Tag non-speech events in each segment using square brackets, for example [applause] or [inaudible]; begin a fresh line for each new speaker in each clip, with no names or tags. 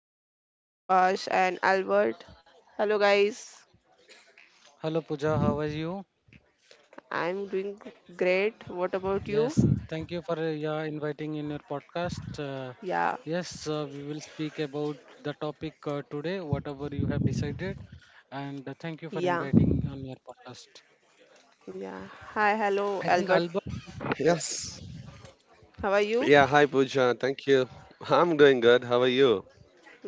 yeah, Suprakash and Albert. Hello guys.
Hello Pooja, how are you?
I'm doing great. What about you?
Yes, thank you for yeah, inviting in your podcast.
Yeah.
Yes, we will speak about the topic today, whatever you have decided, and thank you for
Yeah.
inviting on your podcast.
Yeah. Hi, hello
I think
Albert.
Albert
Yes.
is also there.
Yeah, hi
How are you?
Pooja. Thank you. I'm doing good. How are you?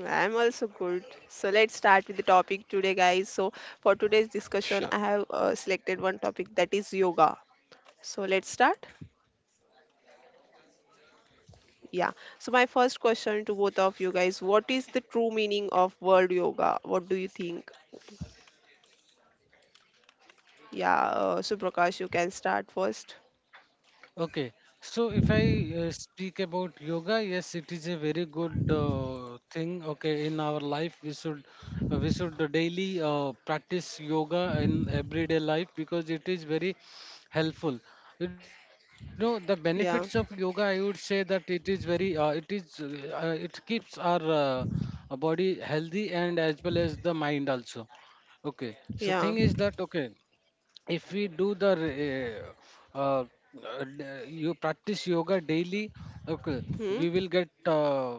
I'm also good. So let's start with the topic today, guys. So for today's
Sure.
discussion, I have selected one topic that is yoga. So let's start. Yeah. So my first question to both of you guys: what is the true meaning of world yoga? What do you think? Yeah. Suprakash, you can start first.
Okay, so if I speak about yoga, yes, it is a very good thing. Okay, in our life, we should daily practice yoga in everyday life because it is very helpful. You know the benefits of yoga. I
Yeah.
would say that it is very it is it keeps our body healthy and as well as the mind also. Okay, so
Yeah.
thing is that, okay, if we do the d- you practice yoga daily, okay,
Hmm.
we will get uh,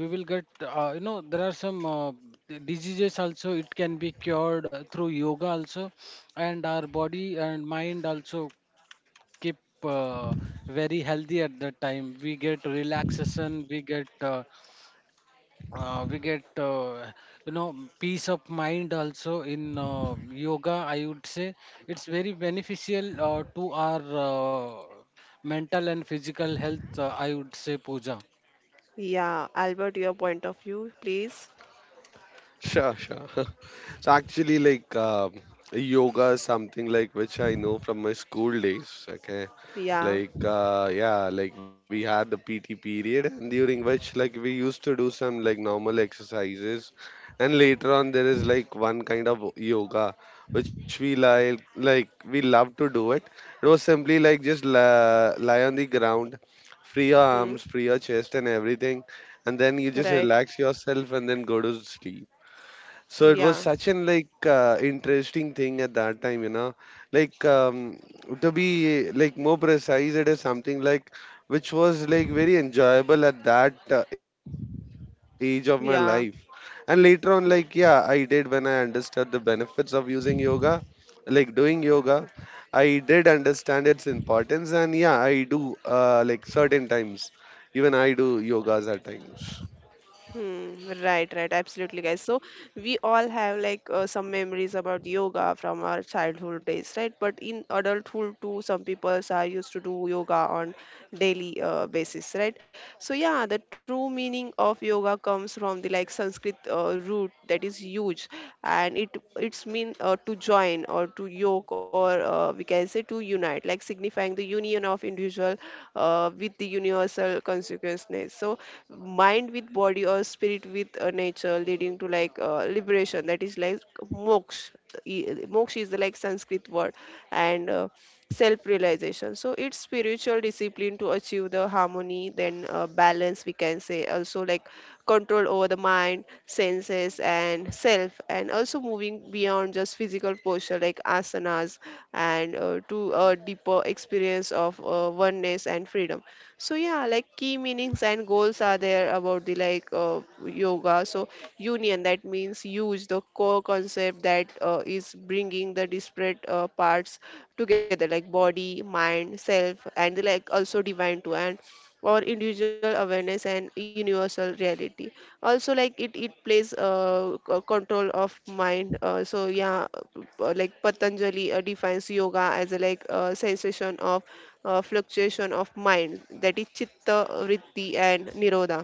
we will get, there are some diseases also, it can be cured through yoga also, and our body and mind also keep uh, very healthy. At that time we get relaxation, we get peace of mind also in yoga. I would say it's very beneficial to our uh, mental and physical health, I would say, Puja.
Yeah. Albert, your point of view, please.
Sure. [laughs] So actually, yoga is something like which I know from my school days. Okay,
Yeah.
like we had the PT period, and during which like we used to do some like normal exercises, and later on there is like one kind of yoga which we like we love to do it. It was simply like just la lie on the ground, free your
Hmm.
arms, free your chest, and everything, and then you just
Right.
relax yourself and then go to sleep. So it was
Yeah.
such an interesting thing at that time, you know. Like um, to be like more precise, it is something like which was like very enjoyable at that age of my life. And later
Yeah.
on, like yeah, I did when I understood the benefits of using yoga, like doing yoga. I did understand its importance, and yeah, I do like certain times. Even I do yogas at times.
Hmm, right, right, absolutely, guys. So we all have like some memories about yoga from our childhood days, right? But in adulthood too, some people are used to do yoga on daily basis, right? So yeah, the true meaning of yoga comes from the like Sanskrit root that is huge, and it's mean to join or to yoke or we can say to unite, like signifying the union of individual with the universal consciousness. So mind with body or spirit with nature leading to like liberation that is like moksha. E- Moksha is the like Sanskrit word, and self realization. So it's spiritual discipline to achieve the harmony, then balance we can say, also like control over the mind, senses and self, and also moving beyond just physical posture like asanas, and to a deeper experience of oneness and freedom. So yeah, like key meanings and goals are there about the like yoga. So union, that means huge, the core concept that is bringing the disparate parts together like body, mind, self, and the like also divine too, and or individual awareness and universal reality. Also like it plays control of mind, so yeah, like Patanjali defines yoga as a like sensation of fluctuation of mind, that is chitta vritti and nirodha,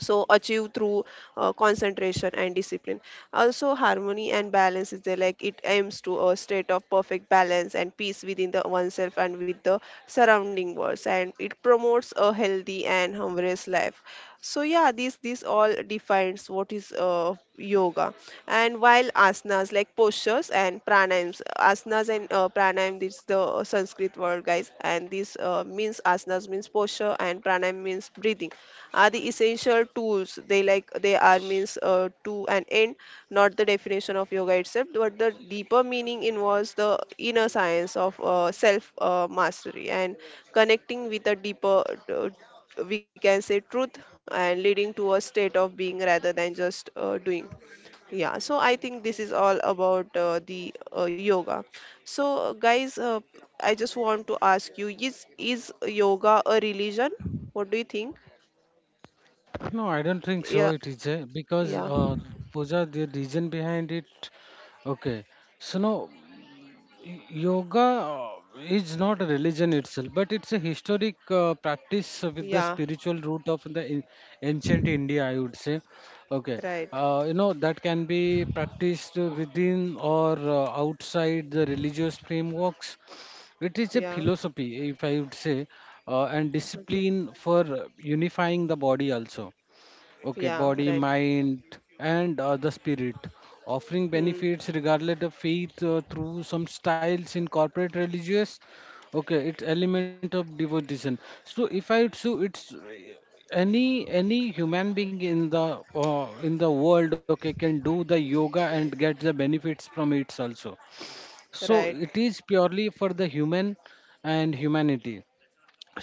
so achieved through concentration and discipline. Also harmony and balance is there, like it aims to a state of perfect balance and peace within the oneself and with the surrounding worlds, and it promotes a healthy and harmonious life. So yeah, this all defines what is yoga. And while asanas, like postures and pranayams, asanas and pranayam, this is the Sanskrit word, guys, and this means asanas means posture and pranayam means breathing, are the essential tools. They like they are means to an end, not the definition of yoga itself, but the deeper meaning involves the inner science of self mastery and connecting with a deeper, uh, we can say, truth, and leading to a state of being rather than just doing. Yeah, so I think this is all about the yoga. So guys I just want to ask you, is yoga a religion? What do you think?
No, I don't think so, it
Yeah.
is a, because,
Yeah,
Puja, the reason behind it, okay, so no. Yoga is not a religion itself, but it's a historic practice with the
yeah,
spiritual root of the ancient India, I would say. Okay,
right.
that can be practiced within or outside the religious frameworks. It is a
Yeah,
philosophy, if I would say, and
okay.
discipline for unifying the body also, okay,
Yeah,
body,
right.
mind, and the spirit, offering
Hmm,
benefits regardless of faith, through some styles in corporate religious, okay, it's element of devotion. So, if I, so it's, any human being in the world, okay, can do the yoga and get the benefits from it also. So
right.
it is purely for the human and humanity.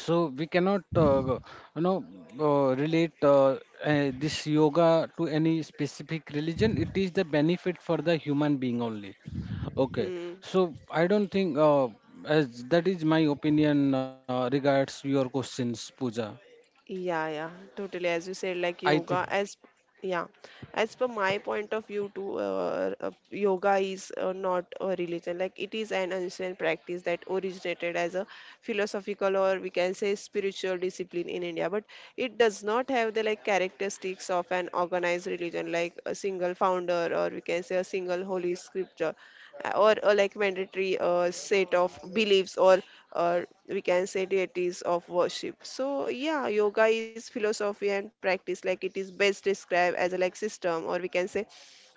So we cannot you know relate, this yoga to any specific religion. It is the benefit for the human being only, okay.
Hmm.
So I don't think, as that is my opinion regards your questions, Puja.
Yeah, yeah, totally. As you said, like
I think
yoga, as yeah, as per my point of view, too, yoga is not a religion. Like it is an ancient practice that originated as a philosophical, or we can say spiritual discipline in India, but it does not have the like characteristics of an organized religion, like a single founder, or we can say a single holy scripture, or like mandatory set of beliefs, or we can say deities of worship. So yeah, yoga is philosophy and practice. Like it is best described as a like system, or we can say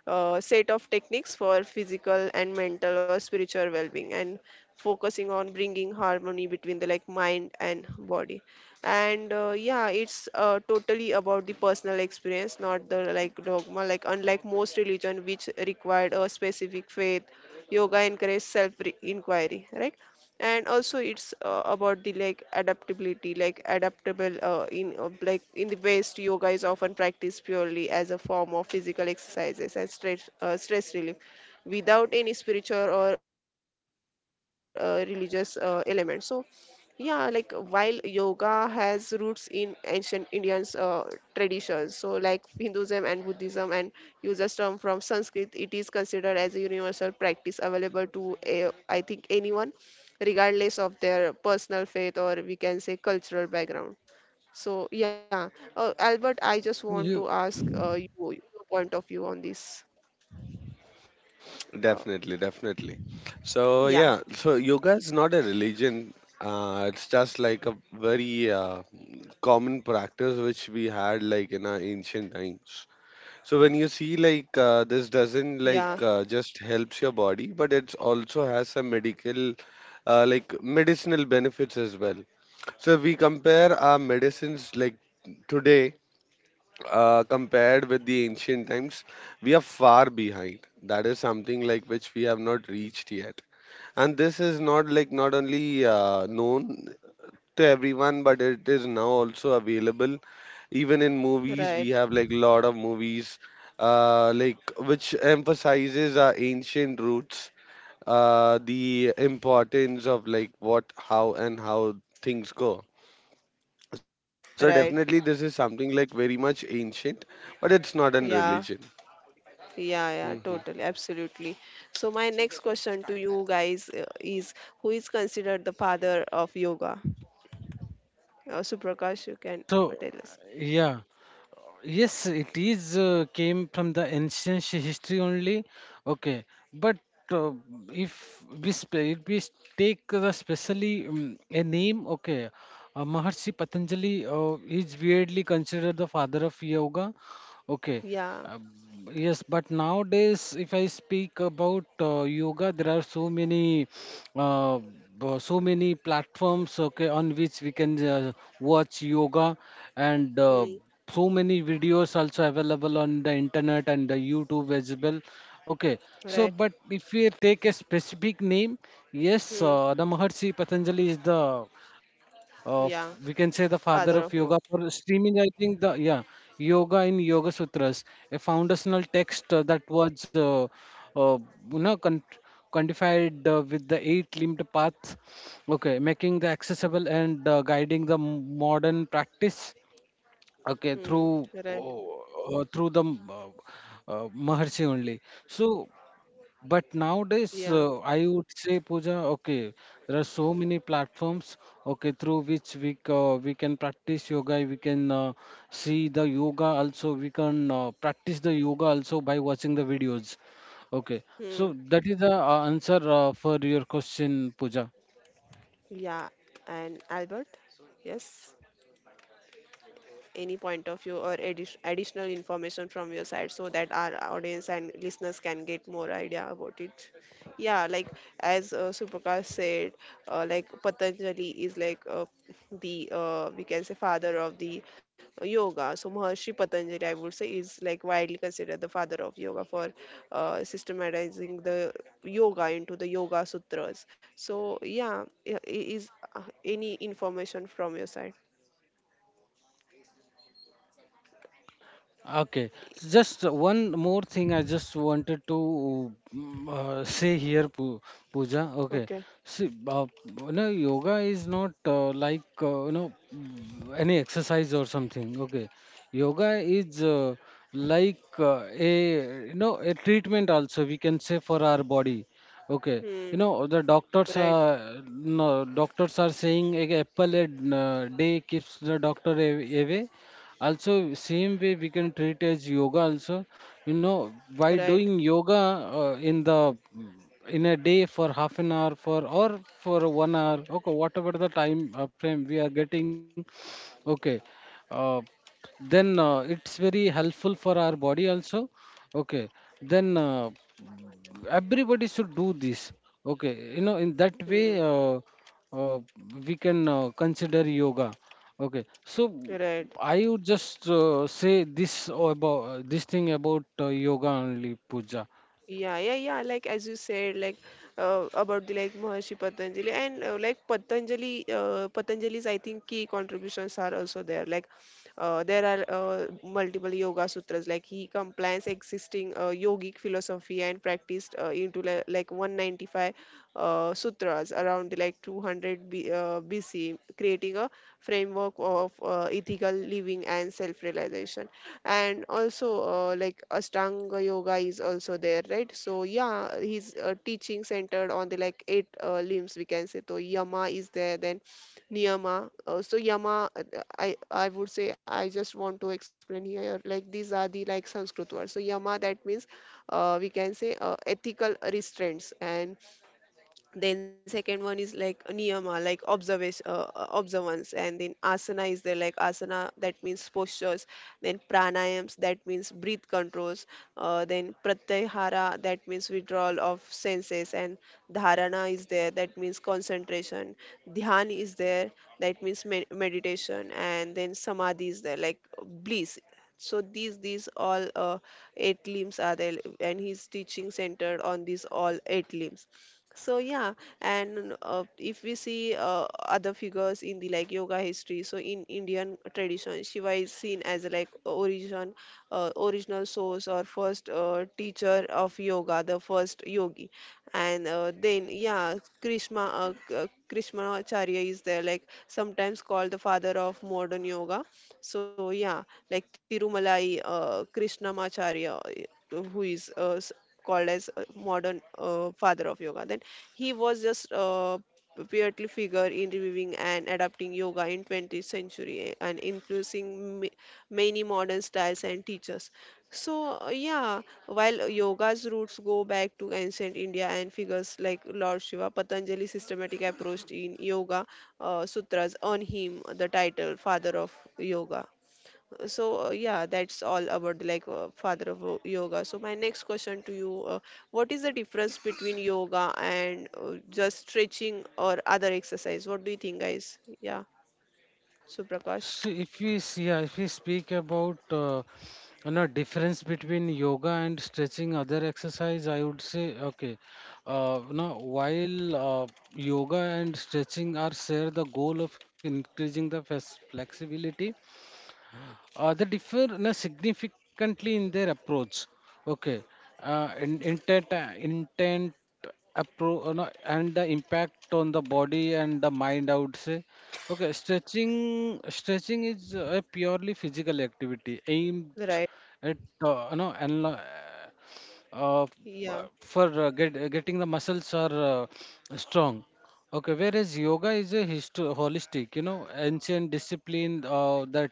set of techniques for physical and mental or spiritual well-being, and focusing on bringing harmony between the like mind and body. And yeah, it's totally about the personal experience, not the like dogma, like unlike most religion which required a specific faith. Yoga encourages self inquiry, right? And also it's about the like adaptability, like adaptable in like in the west, yoga is often practiced purely as a form of physical exercises and stress relief without any spiritual or religious element. So yeah, like while yoga has roots in ancient Indians traditions, so like Hinduism and Buddhism and uses term from Sanskrit, it is considered as a universal practice available to a, I think, anyone, regardless of their personal faith, or we can say cultural background. So yeah, Albert, I just want
you,
to ask you your point of view on this.
Definitely,
Uh,
definitely. So yeah, so yoga is not a religion. It's just like a very common practice which we had like in our ancient times. So when you see this doesn't
yeah,
just helps your body, but it also has some medical like medicinal benefits as well. So if we compare our medicines like today compared with the ancient times, we are far behind. That is something like which we have not reached yet. And this is not like not only known to everyone, but it is now also available. Even in movies,
right,
we have like lot of movies like which emphasizes our ancient roots, the importance of like what, how, and how things go. So
right,
definitely this is something like very much ancient, but it's not an
yeah.
religion.
Yeah, yeah, totally,
Hmm.
absolutely. So my next question to you guys is, who is considered the father of yoga? Suprakash, you can
so
tell us.
yeah. Yes, it is came from the ancient history only. Okay, but uh, if we take the specially a name, okay, Maharshi Patanjali is weirdly considered the father of yoga. Okay,
Yeah.
uh, yes, but nowadays, if I speak about yoga, there are so many, uh, so many platforms, okay, on which we can watch yoga, and
Hmm.
so many videos also available on the internet and the YouTube as well. Okay, so
Right.
but if we take a specific name, yes,
Hmm.
the Maharshi Patanjali is the f- we can say
Yeah.
the father of yoga
Father
for
of yoga.
streaming, I think the. Yeah, yoga in yoga sutras, a foundational text that was, uh, you know con- codified with the eight limbed path, okay, making the accessible and guiding the modern practice, okay,
Hmm.
through
Right.
oh, uh, through the uh, maharishi only. So, but nowadays,
Yeah.
I would say, Pooja, okay, there are so many platforms, okay, through which we can practice yoga. We can see the yoga also. We can practice the yoga also by watching the videos. Okay,
Hmm.
so that is the answer for your question, Pooja.
Yeah. And Albert? Yes. Any point of view or additional information from your side so that our audience and listeners can get more idea about it? Yeah, like as Suprakash said, like Patanjali is like, the we can say, father of the yoga. So Maharishi Patanjali, I would say, is like widely considered the father of yoga for systematizing the yoga into the yoga sutras. So yeah, is any information from your side?
Okay, so just one more thing I just wanted to say here, Pooja. Okay,
Okay.
see, yoga is not like any exercise or something. Okay, yoga is like a you know a treatment, also we can say, for our body. Okay, you
Hmm.
know the doctors
Right.
are no doctors are saying a apple a day keeps the doctor away, also same way we can treat as yoga also. You know, by
Right.
doing yoga uh, in the in a day for half an hour, for or for one hour, okay, whatever the time frame we are getting, okay, uh, then it's very helpful for our body also, okay. Then everybody should do this, okay. In that
Mm,
way, uh, we can consider yoga, okay. So
right.
I would just say this about this thing about yoga only, Puja.
Yeah, yeah, yeah. Like as you said, like about the like Maharishi Patanjali, and Patanjali's, I think, key contributions are also there. Like there are multiple yoga sutras. Like he combines existing yogic philosophy and practiced uh, into like 195 sutras around like 200 BC, creating a framework of ethical living and self-realization. And also, like Ashtanga Yoga is also there, right? So yeah, his teaching centered on the like eight limbs, we can say. So Yama is there, then Niyama. So Yama, uh, I would say I just want to explain here like these are the like Sanskrit words. So Yama, that means we can say ethical restraints, and then second one is like niyama, like observation, observance, and then asana is there, like asana that means postures, then pranayams that means breath controls, then pratyahara that means withdrawal of senses, and dharana is there, that means concentration, dhyan is there, that means meditation, and then samadhi is there, like bliss. So these all eight limbs are there, and he's teaching centered on these all eight limbs. So yeah, and if we see other figures in the like yoga history, so in Indian tradition, Shiva is seen as like origin, original source or first teacher of yoga, the first yogi. And then yeah, Krishnamacharya is there, like sometimes called the father of modern yoga. So yeah, like Tirumalai Krishnamacharya, who is called as a modern father of yoga. Then he was just Piatli figure in reviving and adapting yoga in 20th century, and influencing many modern styles and teachers. So yeah, while yoga's roots go back to ancient India and figures like lord Shiva, Patanjali's systematic approach in yoga sutras earn him the title father of yoga. So yeah, that's all about like father of yoga. So my next question to you, what is the difference between yoga and just stretching or other exercise? What do you think, guys? Yeah, Suprakash,
So, if we speak about difference between yoga and stretching, other exercise, I would say, okay. uh, you know while uh, yoga and stretching are share the goal of increasing the flexibility, they differ, significantly in their approach. Okay, in, intent, no, and the impact on the body and the mind. I would say, okay. Stretching is a purely physical activity aimed
right?
at uh, you know anal- uh, uh,
Yeah,
getting the muscles are strong. Okay, whereas yoga is a holistic, ancient discipline that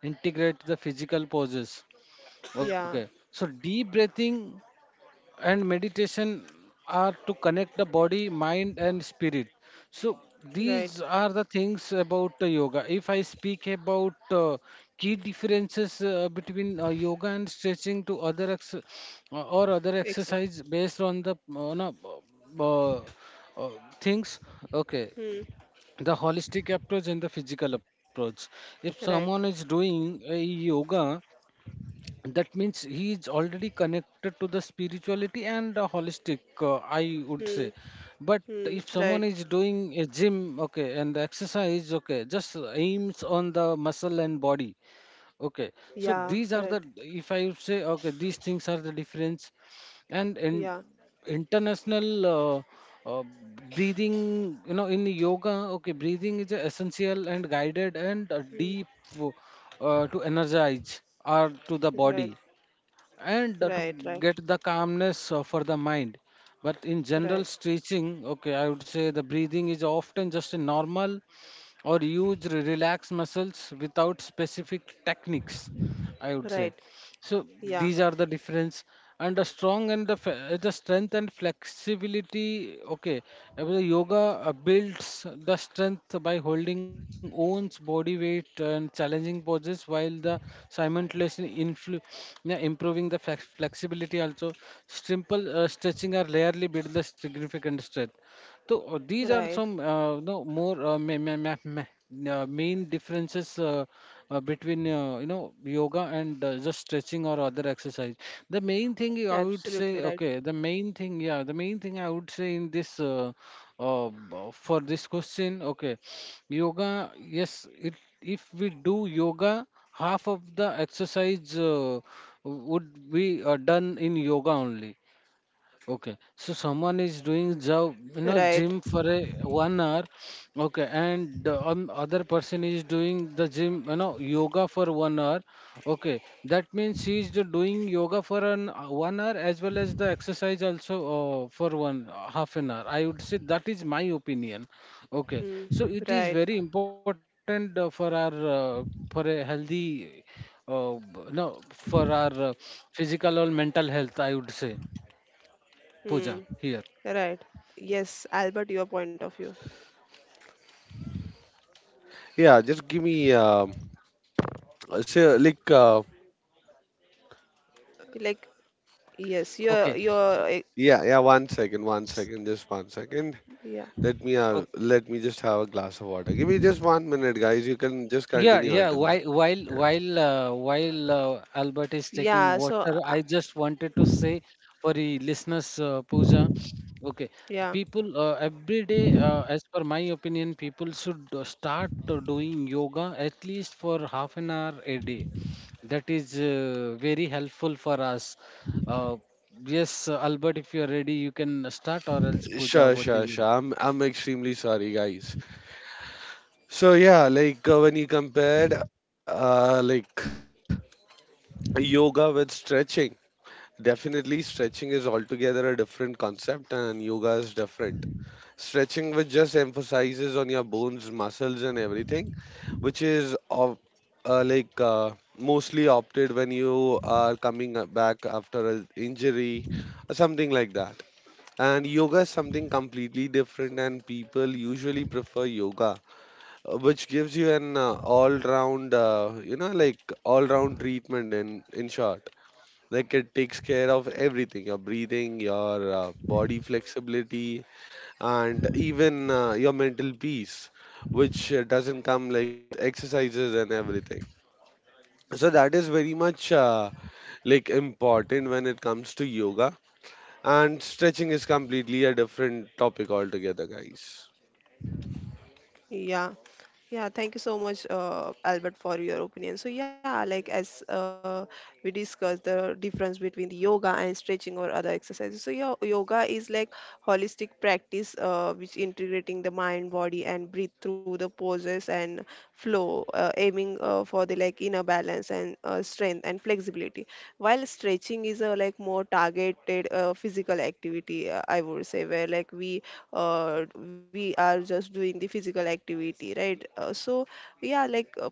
integrates the physical poses. Okay,
yeah,
so deep breathing and meditation are to connect the body, mind, and spirit. So these
right.
are the things about yoga. If I speak about key differences between yoga and stretching to or other
Ex
exercise based on the, uh, uh, things, okay.
Hmm,
The holistic approach and the physical approach. If
right.
someone is doing a yoga, that means he is already connected to the spirituality and the holistic, I would
Hmm,
say. But
hmm,
if someone
right.
is doing a gym, okay, and exercise, okay, just aims on the muscle and body. Okay, so
Yeah,
these are
right.
the, if I would say, okay, these things are the difference, and in
Yeah,
international, uh, breathing, you know, in yoga, okay, breathing is essential and guided and
hmm,
deep, to energize or to the
right.
body, and to
Right, right,
get the calmness for the mind. But in general
right,
stretching, okay, I would say the breathing is often just a normal, or use relaxed muscles without specific techniques, I would say.
right.
So
Yeah,
these are the difference, and the strong and the, fe- the strength and flexibility, okay, the yoga builds the strength by holding one's body weight and challenging poses, while the simultaneously improving the flexibility also. Simple stretching are rarely build the significant strength. So these are
right.
some, no, more main differences between yoga and just stretching or other exercise. The main thing I would
Absolutely
say,
right.
okay, the main thing, yeah, the main thing I would say in this, for this question, okay, yoga, yes, it, if we do yoga, half of the exercise would be done in yoga only. Okay, so someone is doing job, you know, gym
Right.
for a one hour, okay, and the other person is doing the gym, you know, yoga for one hour, okay. That means she is doing yoga for an one hour as well as the exercise also for one, half an hour. I would say that is my opinion, okay. So
Hmm,
it is very
right.
important for our, for a healthy, b- no, for our physical or mental health, I would say, Pooja
Hmm.
here.
Right. Yes, Albert, your point of view.
Yeah, just give me so
Like, yes,
Okay.
your
yeah 1 second 1 second just 1 second.
yeah,
Okay.
Let me just have a glass of water. Give me just 1 minute, guys. You can just
Yeah,
continue
yeah.
until then.
While while
Yeah.
while uh, while uh, Albert is taking
yeah. So
water, I just wanted to say for the listeners, Pooja. Okay, the
yeah,
people, every day, as per my opinion, people should start doing yoga at least for half an hour a day. That is very helpful for us. Uh, yes, Albert, if you are ready, you can start, or else Pooja,
Sure,
over to
sure, sure.
you.
I'm extremely sorry, guys. So yeah, when you compared like yoga with stretching, definitely, stretching is altogether a different concept, and yoga is different. Stretching, which just emphasizes on your bones, muscles, and everything, which is of uh, like uh, mostly opted when you are coming back after an injury or something like that. And yoga is something completely different, and people usually prefer yoga, which gives you an all-round, you know, like all-round treatment in short. Like it takes care of everything, your breathing, your body flexibility, and even your mental peace, which doesn't come like with exercises and everything. So that is very much like important when it comes to yoga, and stretching is completely a different topic altogether, guys.
yeah, yeah. Thank you so much, Albert, for your opinion. So yeah, like as we discussed the difference between the yoga and stretching or other exercises. So yeah, yoga is like holistic practice, which integrating the mind, body, and breathe through the poses and flow, aiming for the like inner balance and strength and flexibility. While stretching is a like more targeted physical activity, I would say, where like we are just doing the physical activity, right? So yeah, like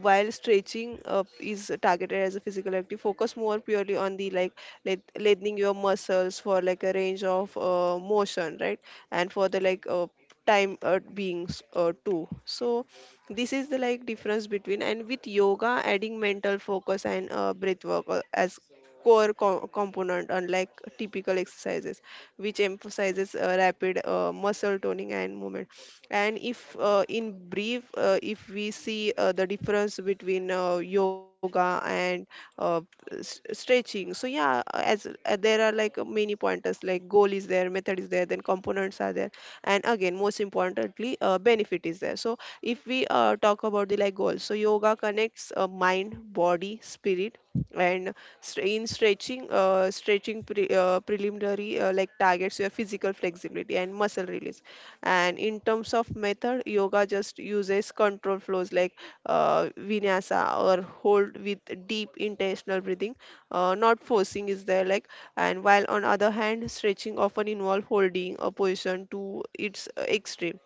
while stretching is targeted as a physical activity, focus more purely on the like lengthening your muscles for like a range of motion, right? And for the like time being too. So this is the like difference between. And with yoga adding mental focus and breath work as component, unlike typical exercises, which emphasizes rapid muscle toning and movement. And if in brief, if we see the difference between yoga and uh, stretching, so yeah, as there are like many pointers, like goal is there, method is there, then components are there, and again most importantly benefit is there. So if we talk about the like goals, so yoga connects mind, body, spirit. And st- in stretching, stretching preliminary like targets your physical flexibility and muscle release. And in terms of method, yoga just uses control flows like uh, vinyasa or hold with deep intentional breathing. Not forcing is there, like. And while on other hand, stretching often involves holding a position to its extreme.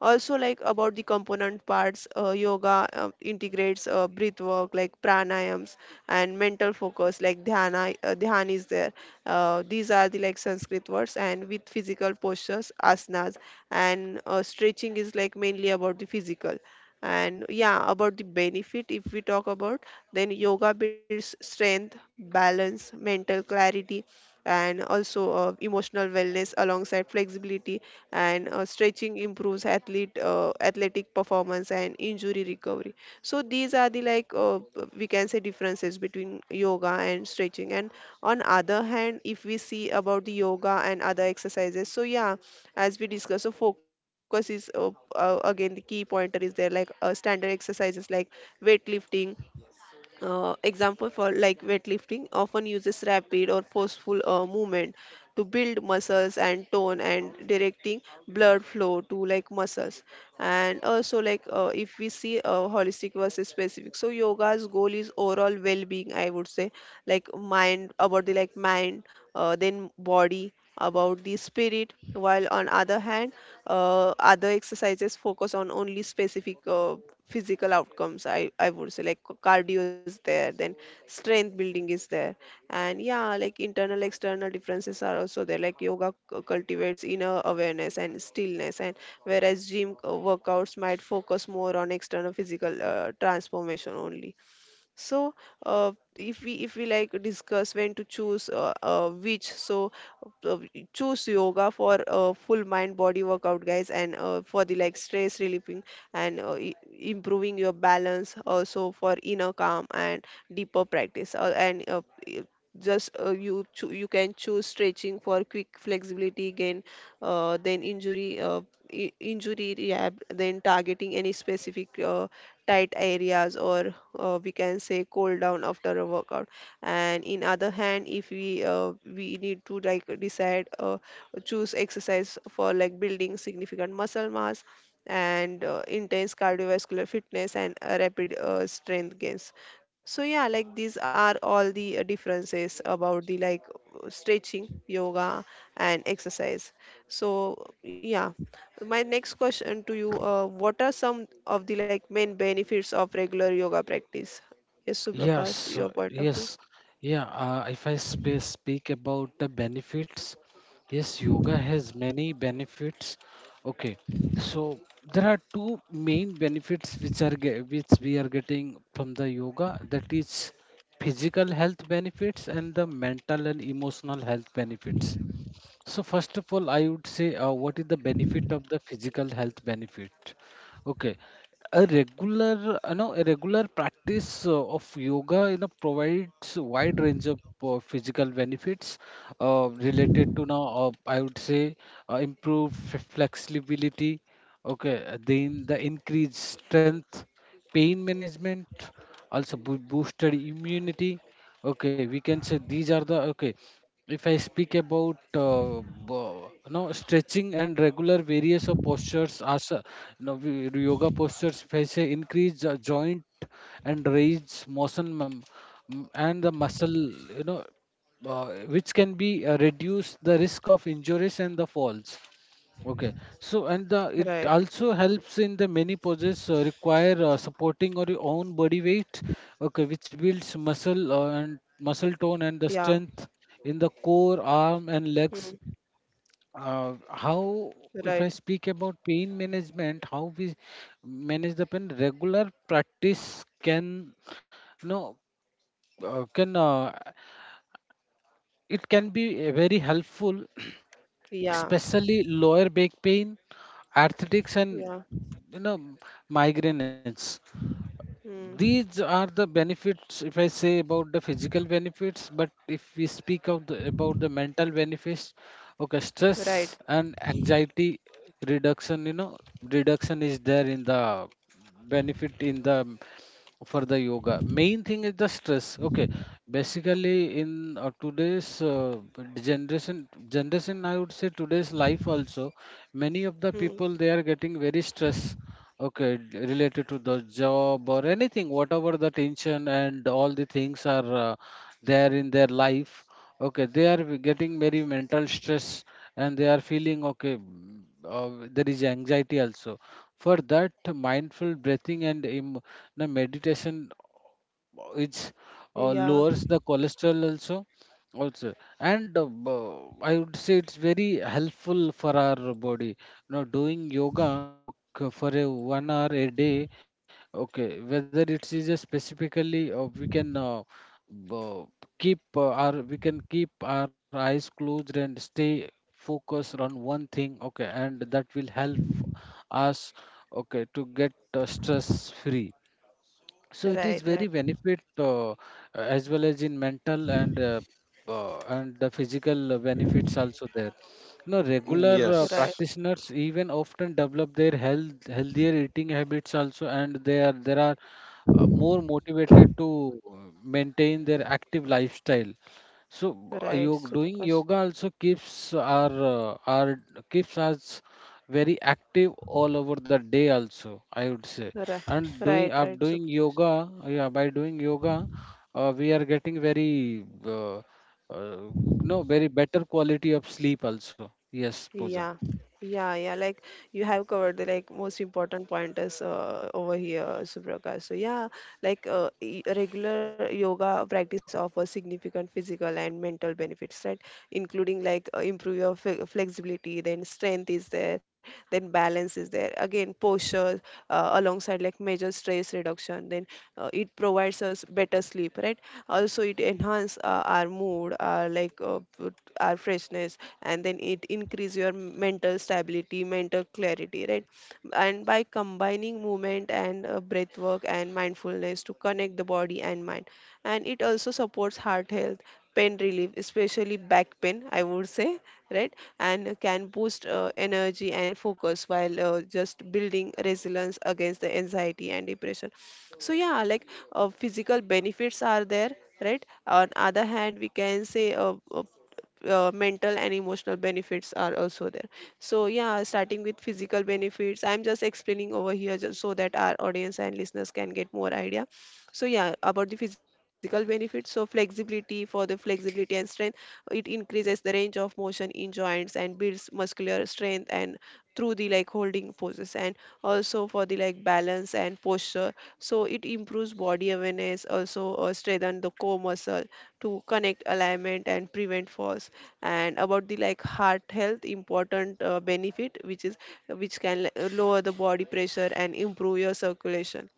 Also, like about the component parts, yoga integrates breath work like pranayams, and mental focus like dhyana. Dhyan is there. These are the like Sanskrit words, and with physical postures, asanas. And stretching is like mainly about the physical. And yeah, about the benefit, if we talk about, then yoga builds strength, balance, mental clarity, and also emotional wellness alongside flexibility. And stretching improves athlete athletic performance and injury recovery. So these are the like we can say differences between yoga and stretching. And on other hand, if we see about the yoga and other exercises, so yeah, as we discussed, so focus is again the key pointer is there. Like standard exercises like weightlifting, example for like weightlifting often uses rapid or forceful movement to build muscles and tone and directing blood flow to like muscles. And also like if we see holistic versus specific, so yoga's goal is overall well-being, I would say, like mind, about the like mind, then body, about the spirit. While on other hand, other exercises focus on only specific physical outcomes, I would say, like cardio is there, then strength building is there. And yeah, like internal, external differences are also there, like yoga cultivates inner awareness and stillness, and whereas gym workouts might focus more on external physical transformation only. So if we like discuss when to choose which. So uh, choose yoga for full mind body workout, guys, and for the like stress relieving and improving your balance, also for inner calm and deeper practice. I- just you you can choose stretching for quick flexibility gain, then injury rehab, then targeting any specific tight areas, or we can say cool down after a workout. And in other hand, if we need to like decide, choose exercise for like building significant muscle mass and intense cardiovascular fitness and rapid strength gains. So yeah, like these are all the differences about the like stretching, yoga and exercise. So yeah, my next question to you, what are some of the like main benefits of regular yoga practice? Yes, Suprakash,
Yes,
your point of view.
yes, yeah. If I sp speak about the benefits, yes, yoga has many benefits. Okay, so there are two main benefits which we are getting from the yoga. That is physical health benefits and the mental and emotional health benefits. So first of all, I would say, what is the benefit of the physical health benefit? Okay, a regular practice of yoga, you know, provides a wide range of physical benefits related to now, I would say, improved flexibility, okay, then the increased strength, pain management, also boosted immunity. Okay, we can say these are the, okay. If I speak about bo- no stretching and regular various of postures, asa, no we- yoga postures. If I say increase the joint and raise motion, and the muscle, you know, uh, which can be reduce the risk of injuries and the falls. Okay, so and the, it
Right.
also helps in the many poses, require supporting or your own body weight, okay, which builds muscle
Yeah.
and muscle tone and the strength in the core, arm,
Hmm.
and legs. How,
Right.
if I speak about pain management, how we manage the pain, regular practice can, you know, can it can be very helpful, [clears throat]
Yeah.
especially lower back pain, arthritics, and
Yeah.
you know migraines. These
Hmm.
are the benefits, if I say about the physical benefits. But if we speak of the, about the mental benefits, okay, stress
Right.
and anxiety reduction, reduction is there in the benefit, in the, for the yoga. Main thing is the stress, okay. Basically, in today's generation, I would say today's life also, many of the
Hmm.
people they are getting very stress. Okay, related to the job or anything, whatever the tension and all the things are there in their life. Okay, they are getting very mental stress, and they are feeling, okay. There is anxiety also. For that, mindful breathing and the meditation, it's,
Yeah.
lowers the cholesterol also, also, and I would say it's very helpful for our body. Now doing yoga, okay, for a one hour a day, okay, whether it is a specifically, we can b- keep, our we can keep our eyes closed and stay focused on one thing, okay, and that will help us, okay, to get stress free. So it is
Right.
very
Right.
benefit, as well as in mental and, and the physical benefits also there. You know,
Mm.
regular
Right.
Yes.
practitioners even often develop their healthier eating habits also, and they are there are more motivated to uh, maintain their active lifestyle. So,
Right.
doing
Suprakash.
yoga also keeps our keeps us very active all over the day also, I would say.
Right.
And doing
Right. Right.
doing yoga yeah by doing yoga, we are getting very, uh, no, very better quality of sleep also. Yes, Pooja.
Yeah, yeah, yeah. Like you have covered the like most important pointers over here, Suprakash. So yeah, like regular yoga practice offers significant physical and mental benefits, right? Including like improve your flexibility, then strength is there, then balance is there. Again, posture, alongside like major stress reduction, then it provides us better sleep, right? Also it enhance our mood, our like our freshness, and then it increase your mental stability, mental clarity, right? And by combining movement and breath work and mindfulness to connect the body and mind. And it also supports heart health, pain relief, especially back pain, I would say, right? And can boost energy and focus, while just building resilience against the anxiety and depression. So yeah, like physical benefits are there, right? On other hand, we can say mental and emotional benefits are also there. So yeah, starting with physical benefits, I'm just explaining over here just so that our audience and listeners can get more idea. So yeah, about the physical benefits, so flexibility, for the flexibility and strength, it increases the range of motion in joints and builds muscular strength, and through the like holding poses. And also for the like balance and posture, so it improves body awareness, also strengthen the core muscle to connect alignment and prevent falls. And about the like heart health important benefit, which is, which can like lower the body pressure and improve your circulation.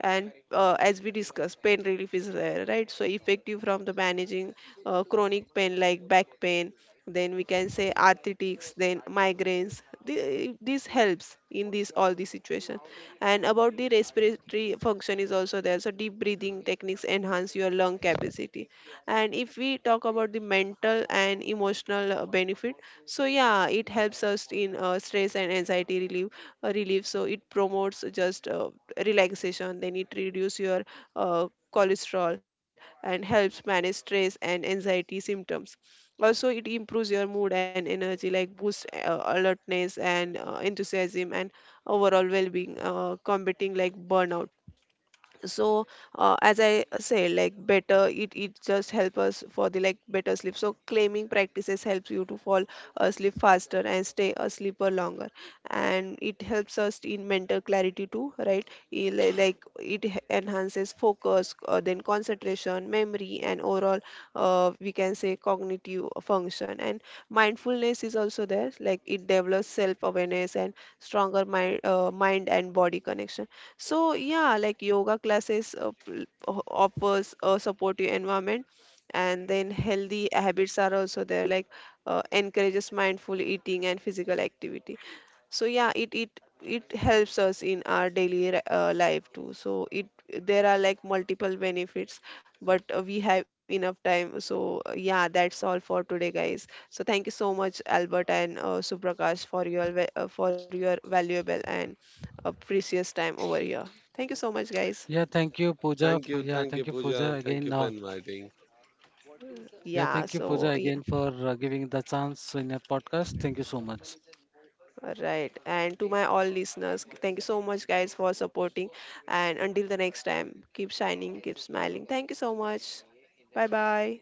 And as we discussed, pain relief is rare, right? So effective from the managing chronic pain, like back pain, then we can say arthritics, then migraines. This helps in this all the situation. And about the respiratory function is also there, so deep breathing techniques enhance your lung capacity. And if we talk about the mental and emotional benefit, so yeah, it helps us in stress and anxiety relief relief. So it promotes just relaxation, then it reduces your uh, cholesterol and helps manage stress and anxiety symptoms. Also, it improves your mood and energy, like boosts alertness and enthusiasm and overall well-being, combating like burnout. So as I say, like better, it just help us for the like better sleep. So claiming practices helps you to fall asleep faster and stay asleep for longer. And it helps us in mental clarity too, right? Like enhances focus, then concentration, memory and overall we can say cognitive function. And mindfulness is also there, like it develops self awareness and stronger mind and body connection. So yeah, like yoga classes offers a supportive environment, and then healthy habits are also there, like encourages mindful eating and physical activity. So yeah, it helps us in our daily life too. So it, there are like multiple benefits, but we have enough time. So yeah, that's all for today, guys. So thank you so much, Albert and Suprakash, for your for your valuable and a precious time over here. Thank you so much, guys.
Yeah, thank you, Pooja. Yeah,
Thank you,
thank you,
Pooja.
Pooja,
Thank you for
again.
inviting.
Yeah,
Yeah,
so
thank you,
yeah,
Pooja, again, for giving the chance in your podcast. Thank you so much.
right. And to my all listeners, thank you so much, guys, for supporting. And until the next time, keep shining, keep smiling. Thank you so much. Bye bye.